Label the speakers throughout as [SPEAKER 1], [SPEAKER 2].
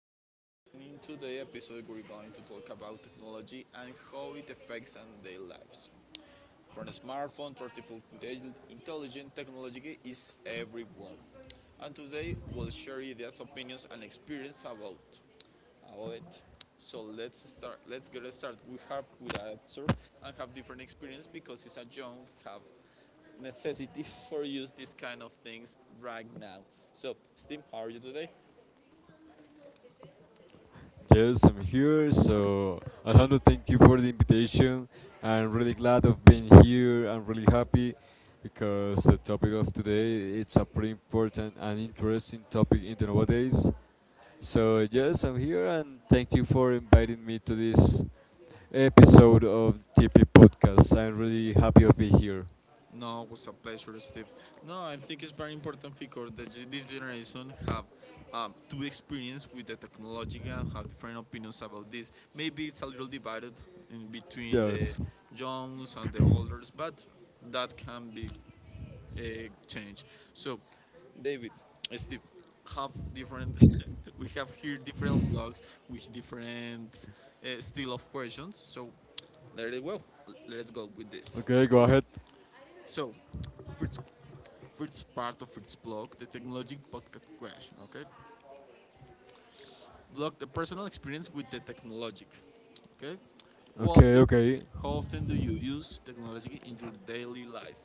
[SPEAKER 1] Alejandro and in today's episode we're going to talk about technology and how it affects our daily lives. From a smartphone to artificial intelligence, intelligent technology is everywhere. And today we'll share ideas opinions and experience about it. So let's get started. We have with our episode and have different experience because it's a young have necessity for use these kind of things right now. So, Steve, how are you today?
[SPEAKER 2] Yes, I'm here. So, Alejandro, thank you for the invitation. I'm really glad of being here. I'm really happy because the topic of today it's a pretty important and interesting topic in the nowadays. So yes, I'm here and thank you for inviting me to this episode of TP Podcast. I'm really happy of being here.
[SPEAKER 1] No, it was a pleasure, Steve. No, I think it's very important because this generation have to experience with the technology and have different opinions about this. Maybe it's a little divided in between the
[SPEAKER 2] Yes.
[SPEAKER 1] youngs and the olders, but that can be uh, change. So, David, Steve, have different. we have here different blogs with different style of questions. So, there you go. Let's go with this.
[SPEAKER 2] Okay, go
[SPEAKER 1] Okay.
[SPEAKER 2] ahead.
[SPEAKER 1] So, first, first part of first blog, the technology podcast question. Okay. Blog the personal experience with the technology. Okay. How
[SPEAKER 2] Okay,
[SPEAKER 1] often,
[SPEAKER 2] okay.
[SPEAKER 1] how often do you use technology in your daily life?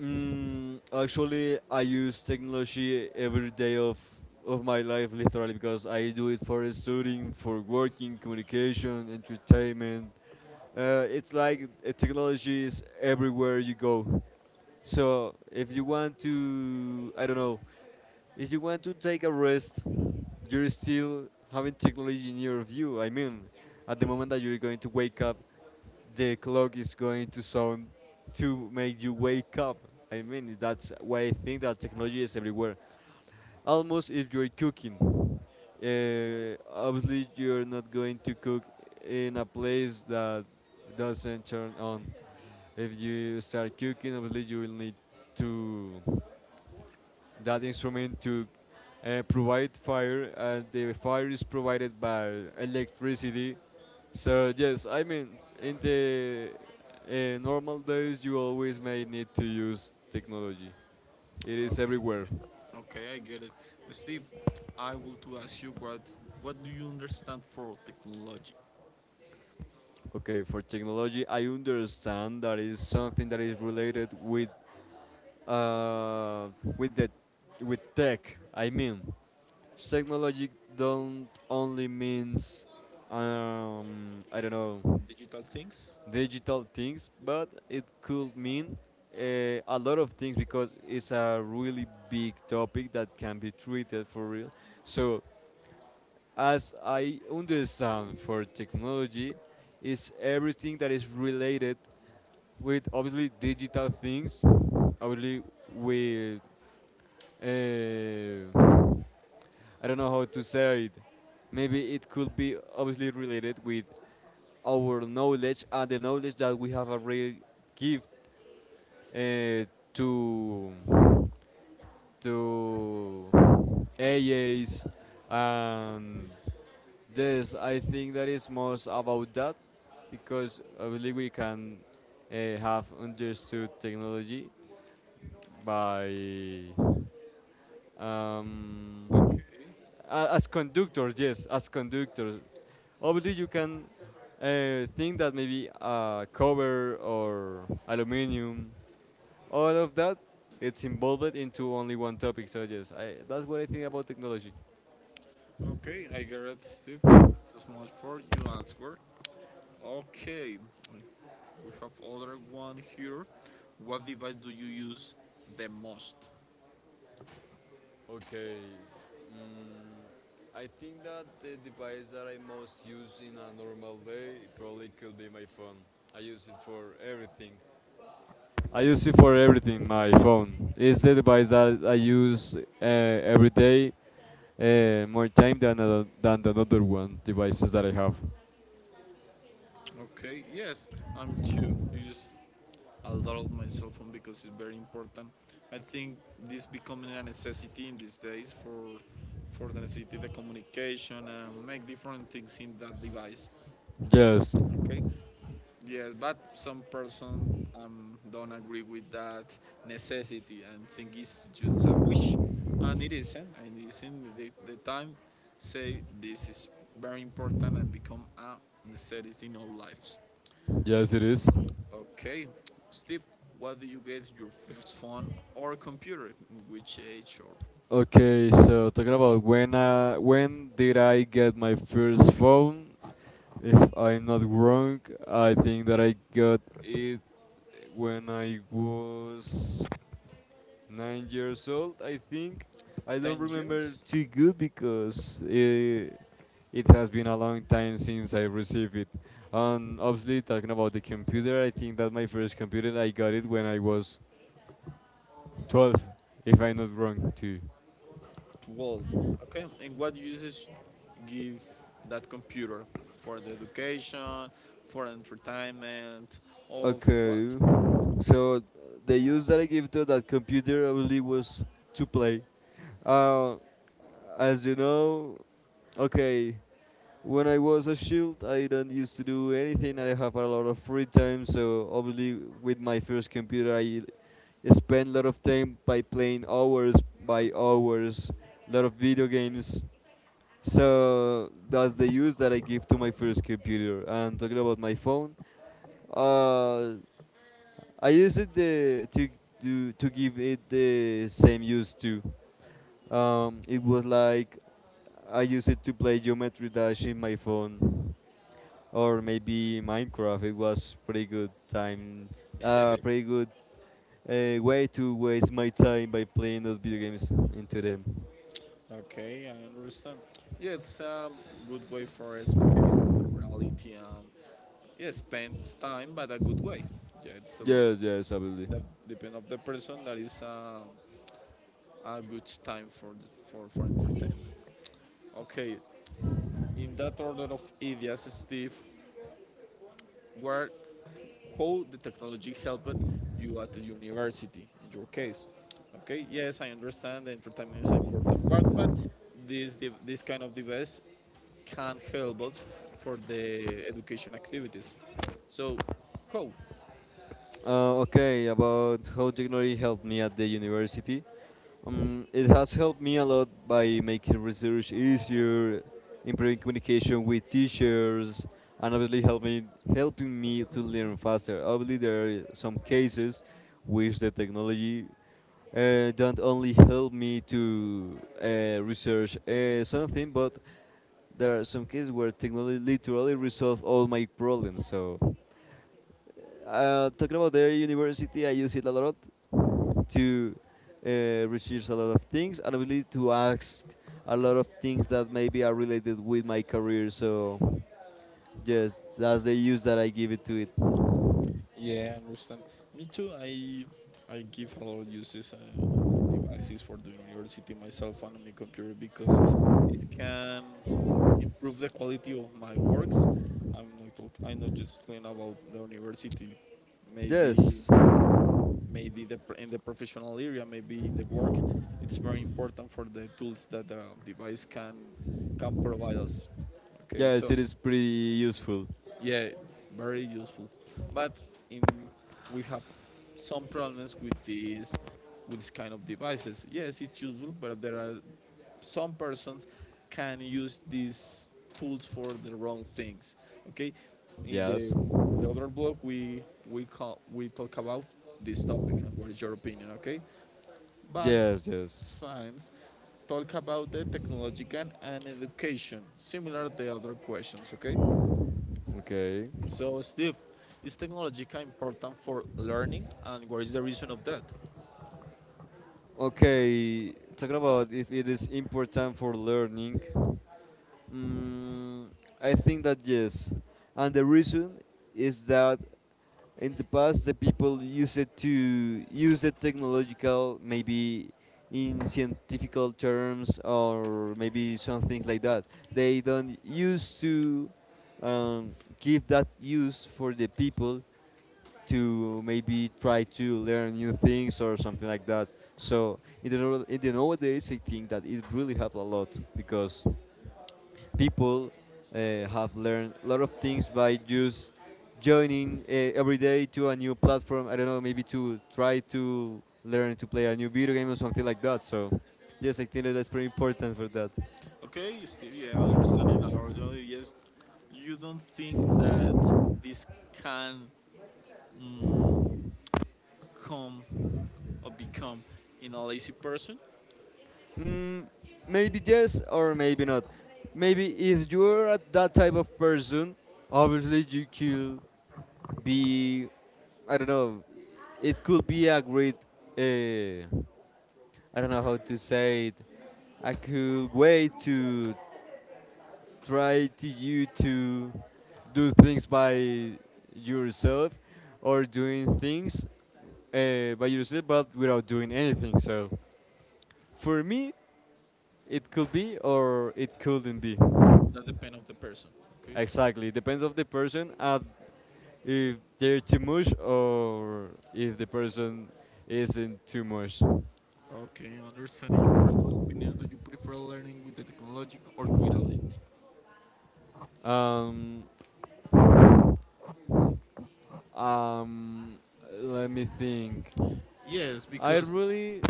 [SPEAKER 2] Actually, I use technology every day of my life, literally, because I do it for studying, for working, communication, entertainment. It's like technology is everywhere you go. So if you want to, I don't know, if you want to take a rest, you're still having technology in your view. I mean, at the moment that you're going to wake up, the clock is going to sound to make you wake up. I mean, that's why I think that technology is everywhere. Almost if you're cooking, obviously you're not going to cook in a place that doesn't turn on. If you start cooking, obviously you will need to that instrument to provide fire, and the fire is provided by electricity. So yes, I mean in the normal days you always may need to use technology. It is
[SPEAKER 1] Okay.
[SPEAKER 2] everywhere.
[SPEAKER 1] Okay, I get it. Steve, I want to ask you what do you understand for technology?
[SPEAKER 2] Okay, for technology, I understand that is something that is related uh, with the with tech. I mean, technology don't only means I don't know
[SPEAKER 1] Digital things?
[SPEAKER 2] digital things, but it could mean a lot of things because it's a really big topic that can be treated for real. So, as I understand for technology, it's everything that is related with obviously digital things, obviously with uh, I don't know how to say it. Maybe it could be obviously related with our knowledge and the knowledge that we have already give uh, to to AAs, and this I think that is most about that because I believe we can uh, have understood technology by um,
[SPEAKER 1] Okay.
[SPEAKER 2] as conductors. Yes, as conductors, obviously you can think that maybe a cover or aluminum, all of that, it's involved into only one topic. So yes, I, that's what I think about technology.
[SPEAKER 1] Okay, I get it, Steve. Thank you so much for your answer. Okay. We have other one here. What device do you use the most?
[SPEAKER 2] Okay. Mm, I think that the device that I most use in a normal day probably could be my phone. I use it for everything. I use it for everything. My phone, it's the device that I use uh, every day, more time than than the other one devices that I have.
[SPEAKER 1] Okay, yes, I'm too. You just I dialed my cell phone because it's very important. I think this becoming a necessity in these days for the necessity the communication and make different things in that device.
[SPEAKER 2] Yes,
[SPEAKER 1] Okay. Yes, but some person don't agree with that necessity and think it's just a wish, and it isn't. And it isn't. The time say this is very important and become a necessity in our lives.
[SPEAKER 2] yes, it is.
[SPEAKER 1] Okay, Steve, what do you get your first phone or computer? In which age or
[SPEAKER 2] Okay, so talking about when when did I get my first phone? If I'm not wrong, I think that I got it when I was 9 years old. I think I don't
[SPEAKER 1] 10
[SPEAKER 2] remember
[SPEAKER 1] years?
[SPEAKER 2] too good because it has been a long time since I received it. And obviously, talking about the computer, I think that my first computer I got it when I was 12, if I'm not wrong too.
[SPEAKER 1] 12. Okay, and what uses give that computer for the education, for entertainment, or what?
[SPEAKER 2] Okay. So the use that I give to that computer only was to play. Uh, as you know, okay, when I was a shield, I don't used to do anything. I have a lot of free time, so obviously with my first computer, I spent a lot of time by playing hours by hours, lot of video games. So that's the use that I give to my first computer. And talking about my phone, uh, I use it to do to give it the same use too. It was like I use it to play Geometry Dash in my phone, or maybe Minecraft. It was pretty good time, pretty good way to waste my time by playing those video games into them.
[SPEAKER 1] Okay, I understand. Yeah, it's a good way for escape of the reality and yeah, spend time, but a good way. Yeah, it's a,
[SPEAKER 2] Yes, yes, absolutely.
[SPEAKER 1] the, depend of the person that is a good time for entertainment. Okay, in that order of ideas, Steve, where how the technology helped you at the university in your case? Okay, yes, I understand the entertainment is an important part, but this this kind of device can help us for the education activities. So, how?
[SPEAKER 2] Okay, about how technology helped me at the university. It has helped me a lot by making research easier, improving communication with teachers, and obviously helping me to learn faster. Obviously, there are some cases which the technology don't only help me to research something, but there are some cases where technology literally resolves all my problems. So talking about the university, I use it a lot to research a lot of things and really to ask a lot of things that maybe are related with my career. So, yes, that's the use that I give it to it.
[SPEAKER 1] Yeah, I understand. Me too. I give a lot of uses on my devices for the university myself and on my computer because it can improve the quality of my works. I'm not just talking about the university. Maybe
[SPEAKER 2] Yes,
[SPEAKER 1] in the professional area, maybe in the work, it's very important for the tools that the device can provide us. Okay,
[SPEAKER 2] yes,
[SPEAKER 1] so.
[SPEAKER 2] it is pretty useful.
[SPEAKER 1] Yeah, very useful. But in we have some problems with these with this kind of devices. Yes, it's useful, but there are some persons can use these tools for the wrong things. Okay, in
[SPEAKER 2] Yes,
[SPEAKER 1] the other blog we talk about this topic and what is your opinion. Okay, but
[SPEAKER 2] yes, yes.
[SPEAKER 1] science talk about the technological and education, similar to the other questions. Okay.
[SPEAKER 2] Okay.
[SPEAKER 1] So, Steve, is technological important for learning, and what is the reason of that?
[SPEAKER 2] Okay, talking about if it is important for learning. Mm, I think that yes, and the reason is that in the past the people used it to use the technological maybe in scientific terms or maybe something like that. They don't used to um, give that use for the people to maybe try to learn new things or something like that. So in the nowadays, I think that it really helped a lot because people have learned a lot of things by just joining every day to a new platform. I don't know, maybe to try to learn to play a new video game or something like that. So, yes, I think that that's pretty important for that.
[SPEAKER 1] Okay, Steve, yeah, understanding that already. Yes, you don't think that this can come or become in a lazy person?
[SPEAKER 2] Mm, maybe yes or maybe not. Maybe if you're that type of person, obviously you could be, I don't know, it could be a great. Uh, I don't know how to say it. I could wait to try to you to do things by yourself or doing things by yourself but without doing anything. So for me, it could be or it couldn't be.
[SPEAKER 1] That depends on the person. Okay.
[SPEAKER 2] Exactly. It depends of the person and if they're too much or if the person isn't too much.
[SPEAKER 1] Okay, understanding your personal opinion. Do you prefer learning with the technology or without it?
[SPEAKER 2] Um, Um, let me think.
[SPEAKER 1] Yes,
[SPEAKER 2] I
[SPEAKER 1] because
[SPEAKER 2] really,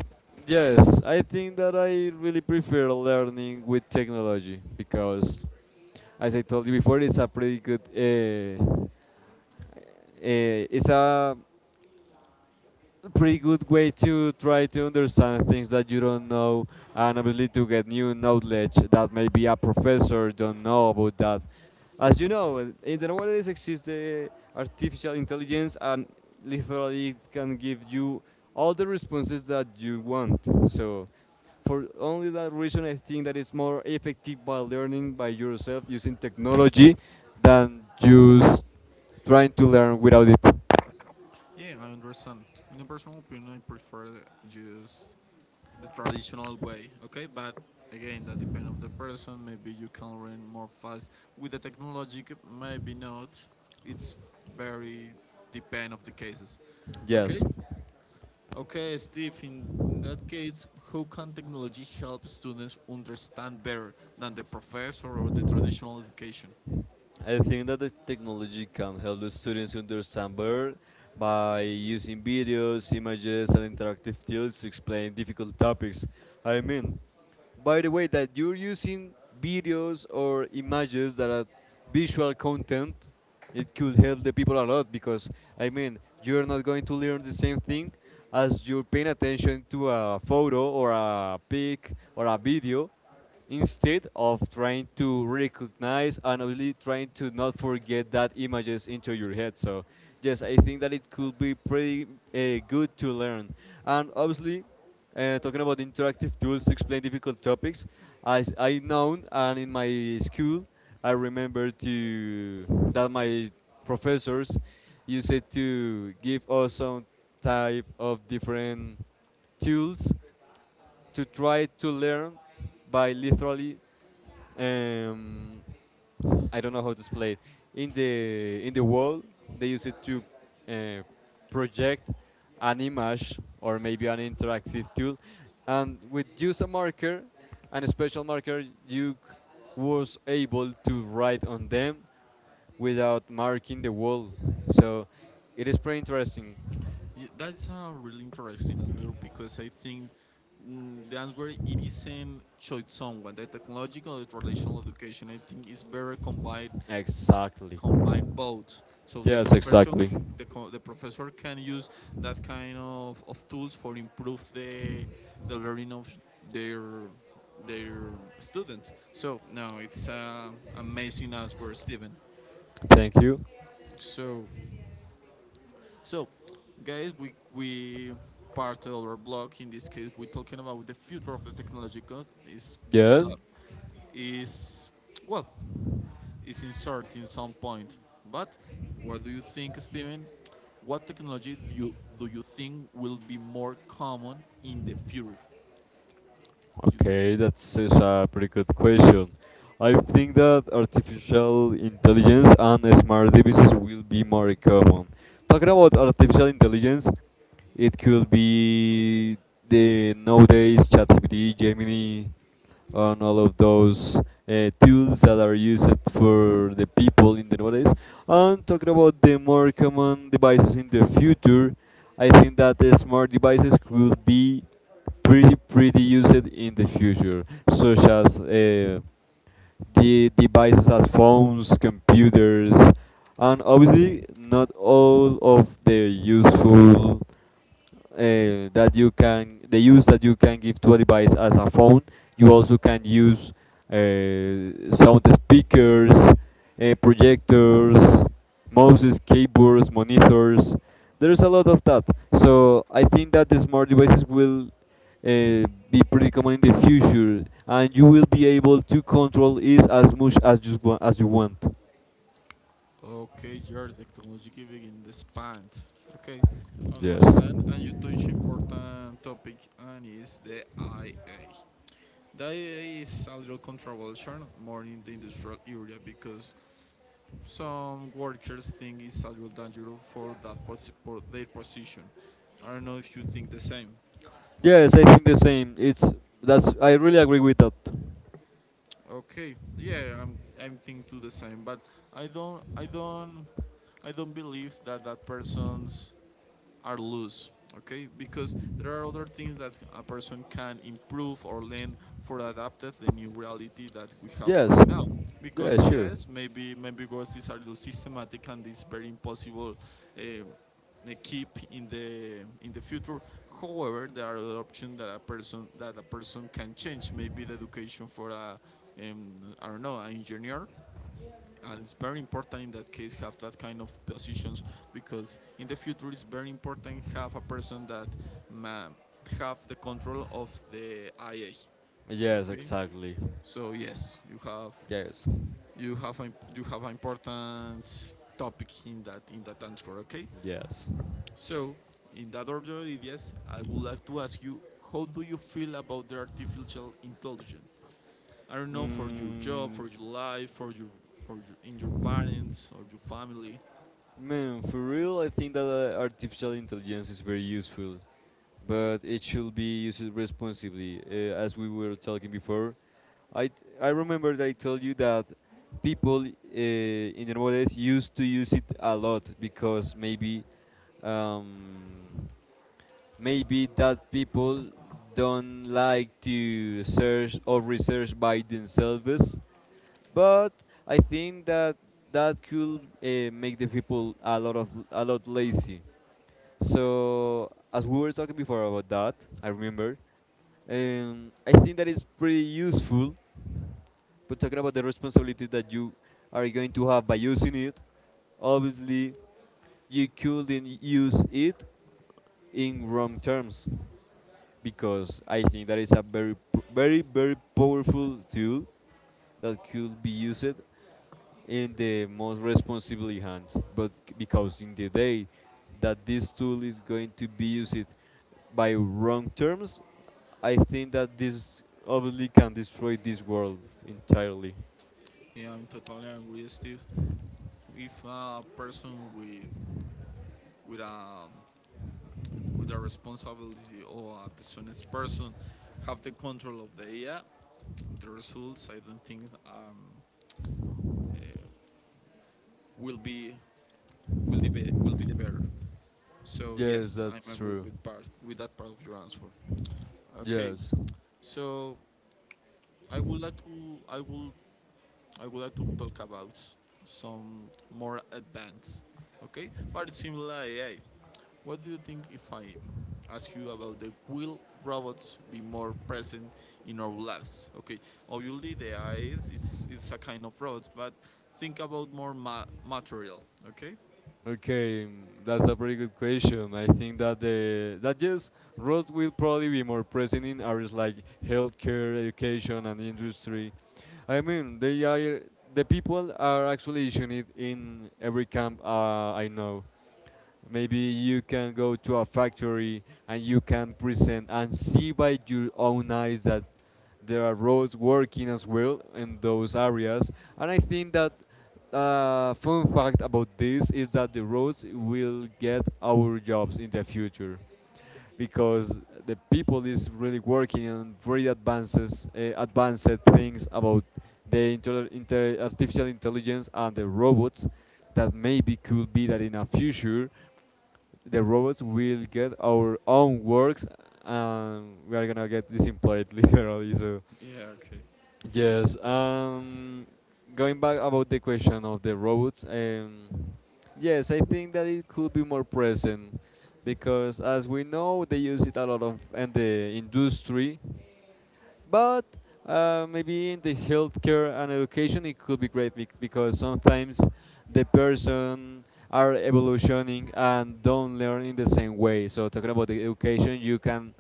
[SPEAKER 2] yes, I think that I really prefer learning with technology because, as I told you before, it's a pretty good way to try to understand things that you don't know and obviously to get new knowledge that maybe a professor don't know about that. As you know, in the nowadays exists the artificial intelligence, and literally it can give you all the responses that you want. So for only that reason, I think that it's more effective by learning by yourself using technology than just trying to learn without it.
[SPEAKER 1] yeah, I understand. In a personal opinion, I prefer just the traditional way, okay, but again that depends on the person. Maybe you can learn more fast with the technology, maybe not. It's very depend of the cases.
[SPEAKER 2] Yes,
[SPEAKER 1] Okay, okay, Steve, in that case, how can technology help students understand better than the professor or the traditional education?
[SPEAKER 2] I think that the technology can help the students understand better by using videos, images, and interactive tools to explain difficult topics. I mean, by the way, that you're using videos or images that are visual content, it could help the people a lot because, I mean, you're not going to learn the same thing as you're paying attention to a photo or a pic or a video instead of trying to recognize and only trying to not forget that images into your head. So yes, I think that it could be pretty good to learn. And obviously, talking about interactive tools to explain difficult topics, as I know and in my school, I remember to that my professors used it to give us some type of different tools to try to learn by literally um, I don't know how to explain it. In the wall they use it to uh, project an image or maybe an interactive tool, and with use a marker and a special marker you was able to write on them without marking the wall. So it is pretty interesting.
[SPEAKER 1] That's a really interesting answer because I think the answer it isn't choice someone. The technological and traditional education I think is better combined
[SPEAKER 2] Exactly.
[SPEAKER 1] combined both. So the
[SPEAKER 2] Yes,
[SPEAKER 1] profession
[SPEAKER 2] exactly.
[SPEAKER 1] the professor can use that kind of tools for improve the learning of their their students. So no, it's amazing answer, Stephen.
[SPEAKER 2] Thank you.
[SPEAKER 1] So So, guys, we parted our blog. In this case, we're talking about the future of the technology because
[SPEAKER 2] Yes.
[SPEAKER 1] is well is inserting some point. But what do you think, Steven? What technology do you think will be more common in the future? Future.
[SPEAKER 2] Okay, that is a pretty good question. I think that artificial intelligence and smart devices will be more common. Talking about artificial intelligence, it could be the nowadays ChatGPT, Gemini, and all of those tools that are used for the people in the nowadays. And talking about the more common devices in the future, I think that the smart devices will be pretty used in the future, such as the devices as phones, computers, and obviously not all of the useful that you can the use that you can give to a device as a phone. You also can use sound speakers, projectors, mouses, keyboards, monitors. There's a lot of that. So I think that the smart devices will uh, be pretty common in the future, and you will be able to control it as much as as you want.
[SPEAKER 1] Okay, your technology giving in the Okay,
[SPEAKER 2] Yes,
[SPEAKER 1] understand. And you touch important topic and is the IA. That is a little controversial, more in the industrial area, because some workers think it's a little dangerous for that for their position. I don't know if you think the same.
[SPEAKER 2] yes, I think the same. It's that's I really agree with that.
[SPEAKER 1] Okay, yeah, I'm thinking the same, but I don't I don't I don't believe that that person's are loose, okay, because there are other things that a person can improve or learn for adapted the new reality that we have
[SPEAKER 2] Yes.
[SPEAKER 1] right now,
[SPEAKER 2] Yeah,
[SPEAKER 1] because
[SPEAKER 2] sure.
[SPEAKER 1] yes, maybe because these are loose systematic and it's very impossible, uh, keep in the future. However, there are other options that a person can change maybe the education for a um, I don't know an engineer, and it's very important in that case have that kind of positions, because in the future it's very important have a person that ma- have the control of the IA.
[SPEAKER 2] Yes,
[SPEAKER 1] Okay,
[SPEAKER 2] exactly.
[SPEAKER 1] so yes, you have
[SPEAKER 2] Yes.
[SPEAKER 1] you have an important topic in that answer. Okay,
[SPEAKER 2] Yes.
[SPEAKER 1] so in that order, yes, I would like to ask you, how do you feel about the artificial intelligence? I don't know, for your job,
[SPEAKER 2] Mm,
[SPEAKER 1] for your life, for your, in your parents or your family.
[SPEAKER 2] man, for real, I think that artificial intelligence is very useful, but it should be used responsibly, as we were talking before. I remember that I told you that people in Hermoles used to use it a lot because maybe um, maybe that people don't like to search or research by themselves, but I think that that could make the people a lot of a lot lazy. So as we were talking before about that, I remember. I think that is pretty useful. But talking about the responsibility that you are going to have by using it, obviously you couldn't use it in wrong terms because I think that is a very powerful tool that could be used in the most responsible hands. Because in the day that this tool is going to be used by wrong terms, I think that this obviously can destroy this world entirely.
[SPEAKER 1] Yeah, I'm totally agree, Steve. If a person with with a with a responsibility or a dishonest person have the control of the AI, the results I don't think uh, will be will be the better. So
[SPEAKER 2] Yes,
[SPEAKER 1] yes, I'm
[SPEAKER 2] that's
[SPEAKER 1] agree
[SPEAKER 2] true.
[SPEAKER 1] with part with that part of your answer. Okay,
[SPEAKER 2] Yes.
[SPEAKER 1] so I would like to I will I would like to talk about some more advanced, okay, but it's similar AI. What do you think if I ask you about the will robots be more present in our lives? Okay, obviously the eyes it's a kind of robot, but think about more material. Okay.
[SPEAKER 2] Okay, that's a pretty good question. I think that the that yes, roads will probably be more present in areas like healthcare, education, and industry. I mean, the people are actually using it in every camp, I know. Maybe you can go to a factory and you can present and see by your own eyes that there are roads working as well in those areas. And I think that, fun fact about this is that the roads will get our jobs in the future because the people is really working on very advances, advanced things about the artificial intelligence and the robots. That maybe could be that in a future the robots will get our own works, and we are gonna get disemployed literally. So
[SPEAKER 1] Yeah. Okay.
[SPEAKER 2] yes. Going back about the question of the robots, yes, I think that it could be more present because, as we know, they use it a lot of in the industry, but, maybe in the healthcare and education, it could be great because sometimes the person are evolutioning and don't learn in the same way. So talking about the education, you can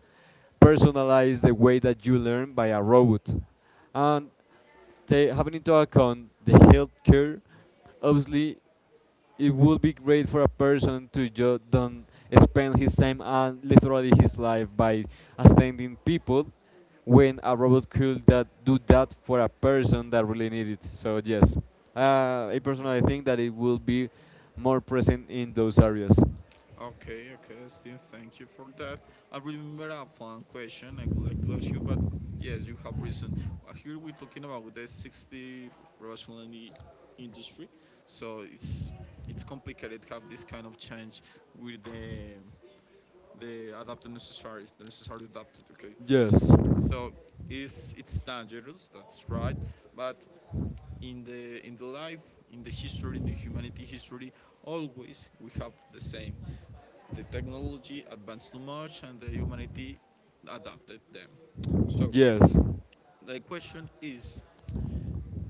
[SPEAKER 2] personalize the way that you learn by a robot. And ta having into account the health care, obviously it would be great for a person to just don't spend his time and literally his life by attending people when a robot could that do that for a person that really needs it. So yes, I personally think that it will be more present in those areas.
[SPEAKER 1] Okay. Okay, Steve. Thank you for that. I remember a fun question I would like to ask you, but yes, you have reason. Here we're talking about the 60 rationality industry, so it's complicated to have this kind of change with the they adapt the necessary adapted. Okay,
[SPEAKER 2] Yes.
[SPEAKER 1] so it's dangerous. That's right. But in the life, in the history, in the humanity history, always we have the same. The technology advanced too much, and the humanity adapted them. So
[SPEAKER 2] Yes.
[SPEAKER 1] the question is,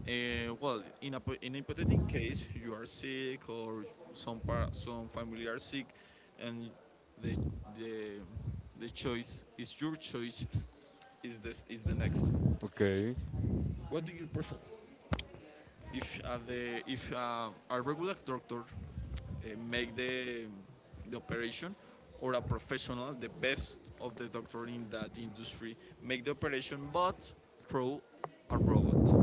[SPEAKER 1] well, in a hypothetical case, you are sick or some family are sick, and the the the choice is your choice is this is the next.
[SPEAKER 2] Okay.
[SPEAKER 1] What do you prefer? If the if a regular doctor make the operation, or a professional, the best of the doctor in that industry, make the operation, but through a robot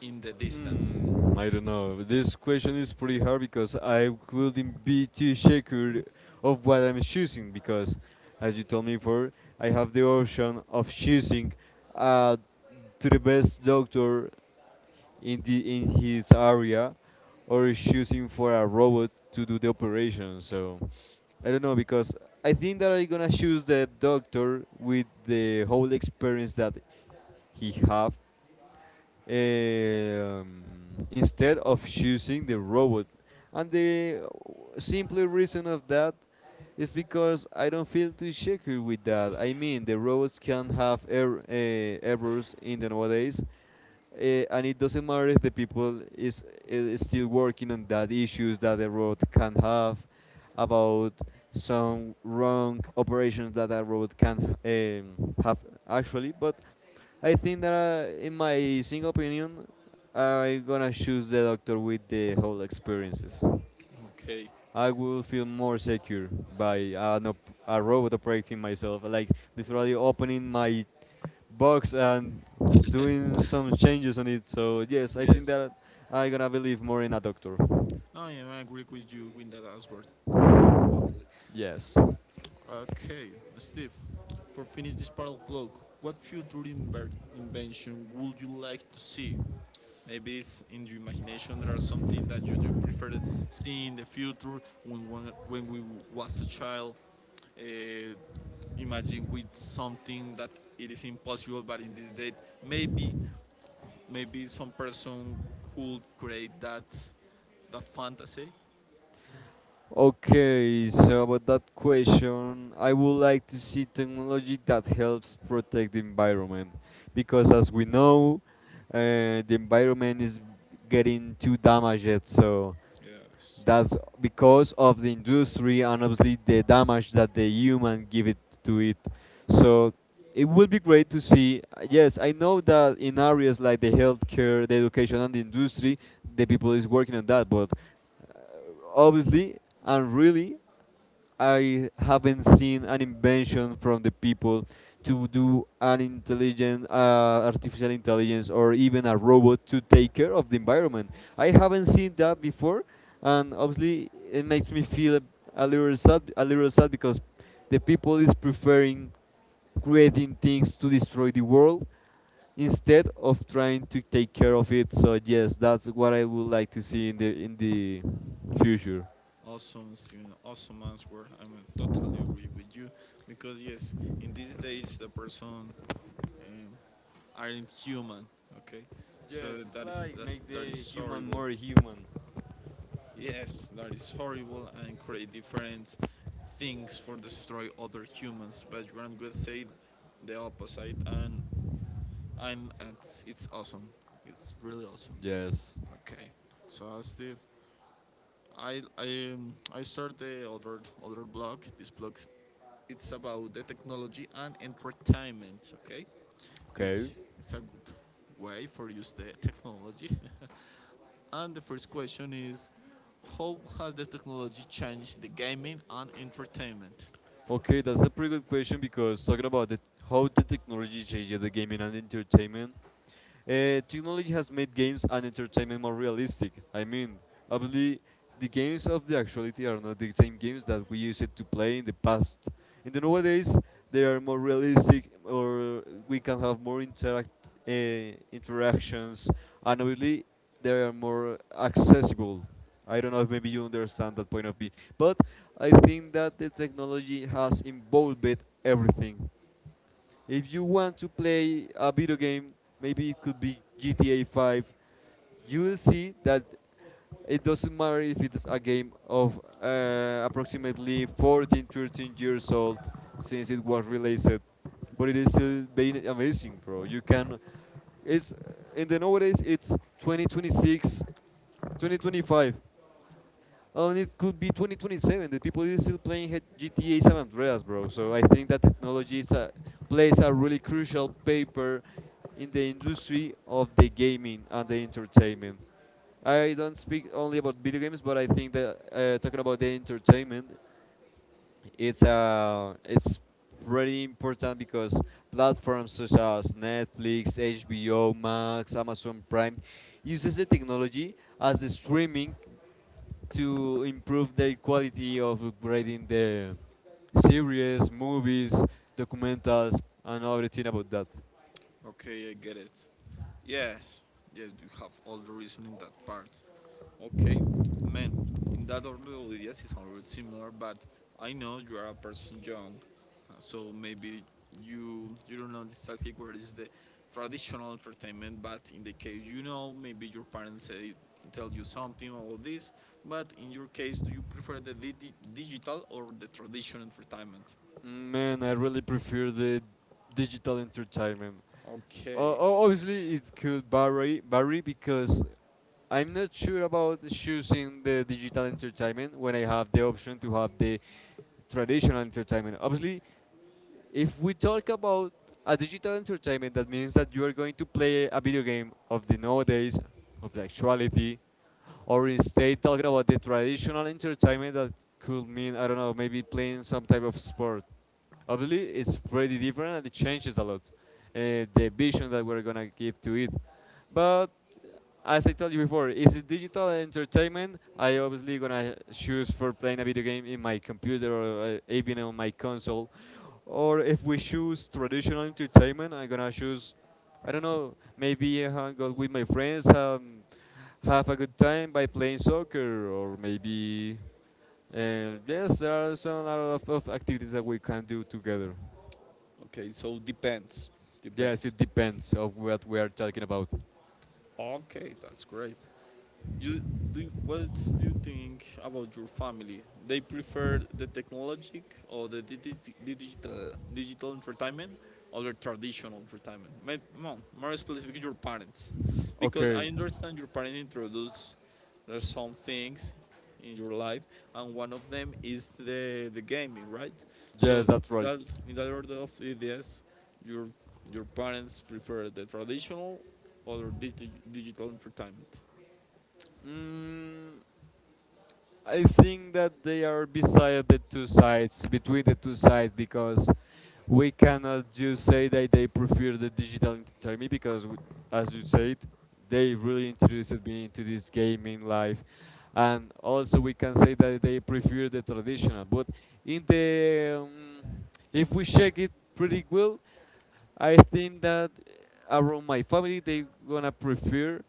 [SPEAKER 1] in the distance.
[SPEAKER 2] I don't know. This question is pretty hard because I wouldn't be too sure of what I'm choosing because, as you told me before, I have the option of choosing, uh, to the best doctor in the in his area, or choosing for a robot to do the operation. So I don't know because I think that I'm gonna choose the doctor with the whole experience that he have, um, instead of choosing the robot. And the simple reason of that is because I don't feel too secure with that. I mean, the robots can have errors in the nowadays, and it doesn't matter if is still working on that issues that the road can have about some wrong operations that a road can, have actually. But I think that, in my single opinion, I'm gonna choose the doctor with the whole experiences.
[SPEAKER 1] Okay.
[SPEAKER 2] I will feel more secure by a robot operating myself, like literally opening my box and doing some changes on it. So yes, I think
[SPEAKER 1] Yes.
[SPEAKER 2] that I'm gonna believe more in a doctor.
[SPEAKER 1] No, yeah, I agree with you with that answer.
[SPEAKER 2] Yes.
[SPEAKER 1] Okay, Steve. For finish this part of vlog, what future invention would you like to see? Maybe it's in your imagination there are something that you do prefer seeing in the future when one, when we was a child. Uh, Imagine with something that it is impossible, but in this date, maybe maybe some person could create that fantasy.
[SPEAKER 2] Okay, so about that question, I would like to see technology that helps protect the environment because, as we know, the environment is getting too damaged. So
[SPEAKER 1] Yes.
[SPEAKER 2] that's because of the industry and obviously the damage that the human give it to it. So it would be great to see. Yes, I know that in areas like the healthcare, the education, and the industry, the people is working on that. But, uh, obviously and really, I haven't seen an invention from the people to do an intelligent, artificial intelligence or even a robot to take care of the environment. I haven't seen that before, and obviously it makes me feel a a little sad because the people is preferring creating things to destroy the world instead of trying to take care of it. So yes, that's what I would like to see in the future.
[SPEAKER 1] Awesome, Steven. Awesome answer. I mean, totally agree with you because yes, in these days the person um, aren't human. Okay, so
[SPEAKER 2] Yes, it's
[SPEAKER 1] that is
[SPEAKER 2] like make
[SPEAKER 1] that
[SPEAKER 2] the
[SPEAKER 1] is
[SPEAKER 2] human
[SPEAKER 1] horrible.
[SPEAKER 2] more human.
[SPEAKER 1] Yes, that is horrible and create different things for destroy other humans. But Grant would say the opposite, and I'm it's awesome. It's really awesome.
[SPEAKER 2] Yes.
[SPEAKER 1] Okay, so Steve, I start the other other blog. This blog It's about the technology and entertainment, okay?
[SPEAKER 2] Okay.
[SPEAKER 1] It's a good way for use the technology. and the first question is, how has the technology changed the gaming and entertainment?
[SPEAKER 2] Okay, that's a pretty good question because talking about how the technology changes the gaming and entertainment, technology has made games and entertainment more realistic. I mean, obviously, the games of the actuality are not the same games that we used to play in the past. In the nowadays, they are more realistic, or we can have more interactions, and obviously, they are more accessible. I don't know if maybe you understand that point of view, but I think that the technology has involved everything. If you want to play a video game, maybe it could be GTA 5. You will see that it doesn't matter if it's a game of, approximately 14, 13 years old since it was released, but it is still being amazing, bro. It's in the nowadays it's 2026, 2025. Oh, and it could be 2027. The people is still playing GTA San Andreas, bro. So I think that technology is a, plays a really crucial paper in the industry of the gaming and the entertainment. I don't speak only about video games, but I think that, talking about the entertainment, it's pretty important because platforms such as Netflix, HBO Max, Amazon Prime uses the technology as the streaming to improve their quality of upgrading the series, movies, documentals, and everything about that.
[SPEAKER 1] Okay, I get it. Yes, yes, you have all the reason in that part. Okay, man, in that order, the ideas is a bit similar, but I know you are a person young, so maybe you don't know exactly where is the traditional entertainment, but in the case you know, maybe your parents say tell you something or this, but in your case, do you prefer the digital or the traditional entertainment?
[SPEAKER 2] Man, I really prefer the digital entertainment.
[SPEAKER 1] Okay,
[SPEAKER 2] O- Obviously, it could vary because I'm not sure about choosing the digital entertainment when I have the option to have the traditional entertainment. Obviously, if we talk about a digital entertainment, that means that you are going to play a video game of the nowadays, of the actuality, or instead talking about the traditional entertainment that could mean, I don't know, maybe playing some type of sport. Obviously, it's pretty different and it changes a lot, the vision that we're gonna give to it. But as I told you before, is it digital entertainment? I obviously gonna choose for playing a video game in my computer or, even on my console. Or if we choose traditional entertainment, I'm gonna choose, I don't know, maybe I hang out with my friends and have a good time by playing soccer or maybe, and yes, there are some a lot of activities that we can do together.
[SPEAKER 1] okay, so depends,
[SPEAKER 2] Yes,
[SPEAKER 1] depends.
[SPEAKER 2] it depends of what we are talking about.
[SPEAKER 1] Okay, that's great. You What do you think about your family? They prefer the technologic or the digital entertainment or the traditional entertainment? More specifically, your parents, because
[SPEAKER 2] Okay.
[SPEAKER 1] I understand your parents introduce some things in your life, and one of them is the gaming, right? So
[SPEAKER 2] Yes, that's right.
[SPEAKER 1] in that order of ideas, your your parents prefer the traditional or digital entertainment.
[SPEAKER 2] mm, I think that they are beside the two sides between the two sides because we cannot just say that they prefer the digital entertainment because, as you said, they really introduced me into this gaming life. And also, we can say that they prefer the traditional. But in the, if we check it pretty well, I think that around my family they gonna prefer,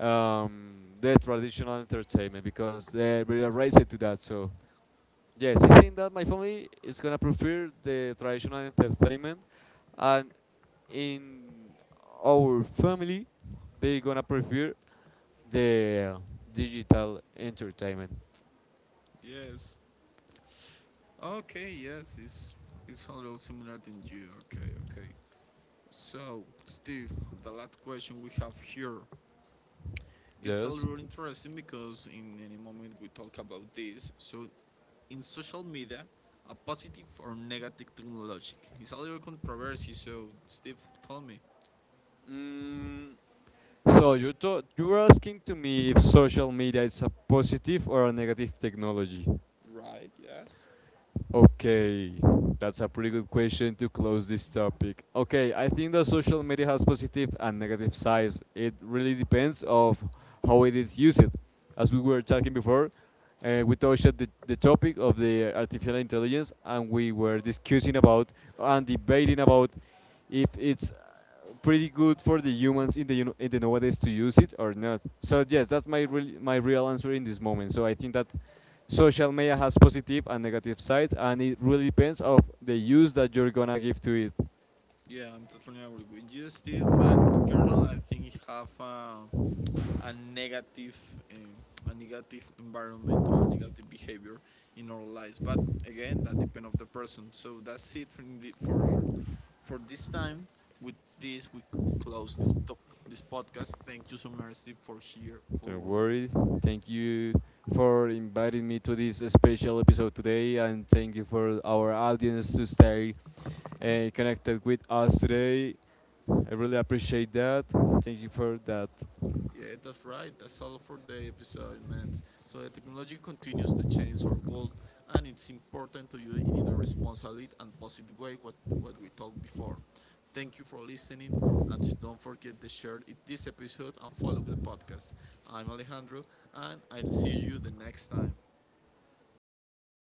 [SPEAKER 2] the traditional entertainment because they're really raised to that. So yes, I think that my family is gonna prefer the traditional entertainment, and in our family, they gonna prefer the digital entertainment.
[SPEAKER 1] Yes, okay, yes, it's a little similar than you. Okay, okay. So, Steve, the last question we have here is a
[SPEAKER 2] Yes.
[SPEAKER 1] little interesting because in any moment we talk about this. So, in social media, a positive or negative technology. It's a little controversy. So, Steve, tell me.
[SPEAKER 2] Mm, so you were asking to me if social media is a positive or a negative technology.
[SPEAKER 1] Right. Yes.
[SPEAKER 2] Okay, that's a pretty good question to close this topic. Okay, I think that social media has positive and negative sides. It really depends of how it is used. As we were talking before, we touched the topic of the artificial intelligence and we were discussing about and debating about if it's, pretty good for the humans in the you know, in the nowadays to use it or not. So yes, that's my real answer in this moment. So I think that social media has positive and negative sides and it really depends of the use that you're gonna give to it.
[SPEAKER 1] Yeah, I'm totally agree with you, Steve. But in general, I think it have a negative um, a negative environment or a negative behavior in our lives. But again, that depends on the person. So that's it for the, for this time. With this, we close this this podcast. Thank you so much, Steve, for here
[SPEAKER 2] Don't
[SPEAKER 1] for
[SPEAKER 2] worry, thank you for inviting me to this special episode today, and thank you for our audience to stay, connected with us today. I really appreciate that. Thank you for that.
[SPEAKER 1] Yeah, that's right. That's all for the episode, man. So the technology continues to change our world, and it's important to use it in a responsible and positive way. What we talked before. Thank you for listening, and don't forget to share it, this episode and follow the podcast. I'm Alejandro, and I'll see you the next time.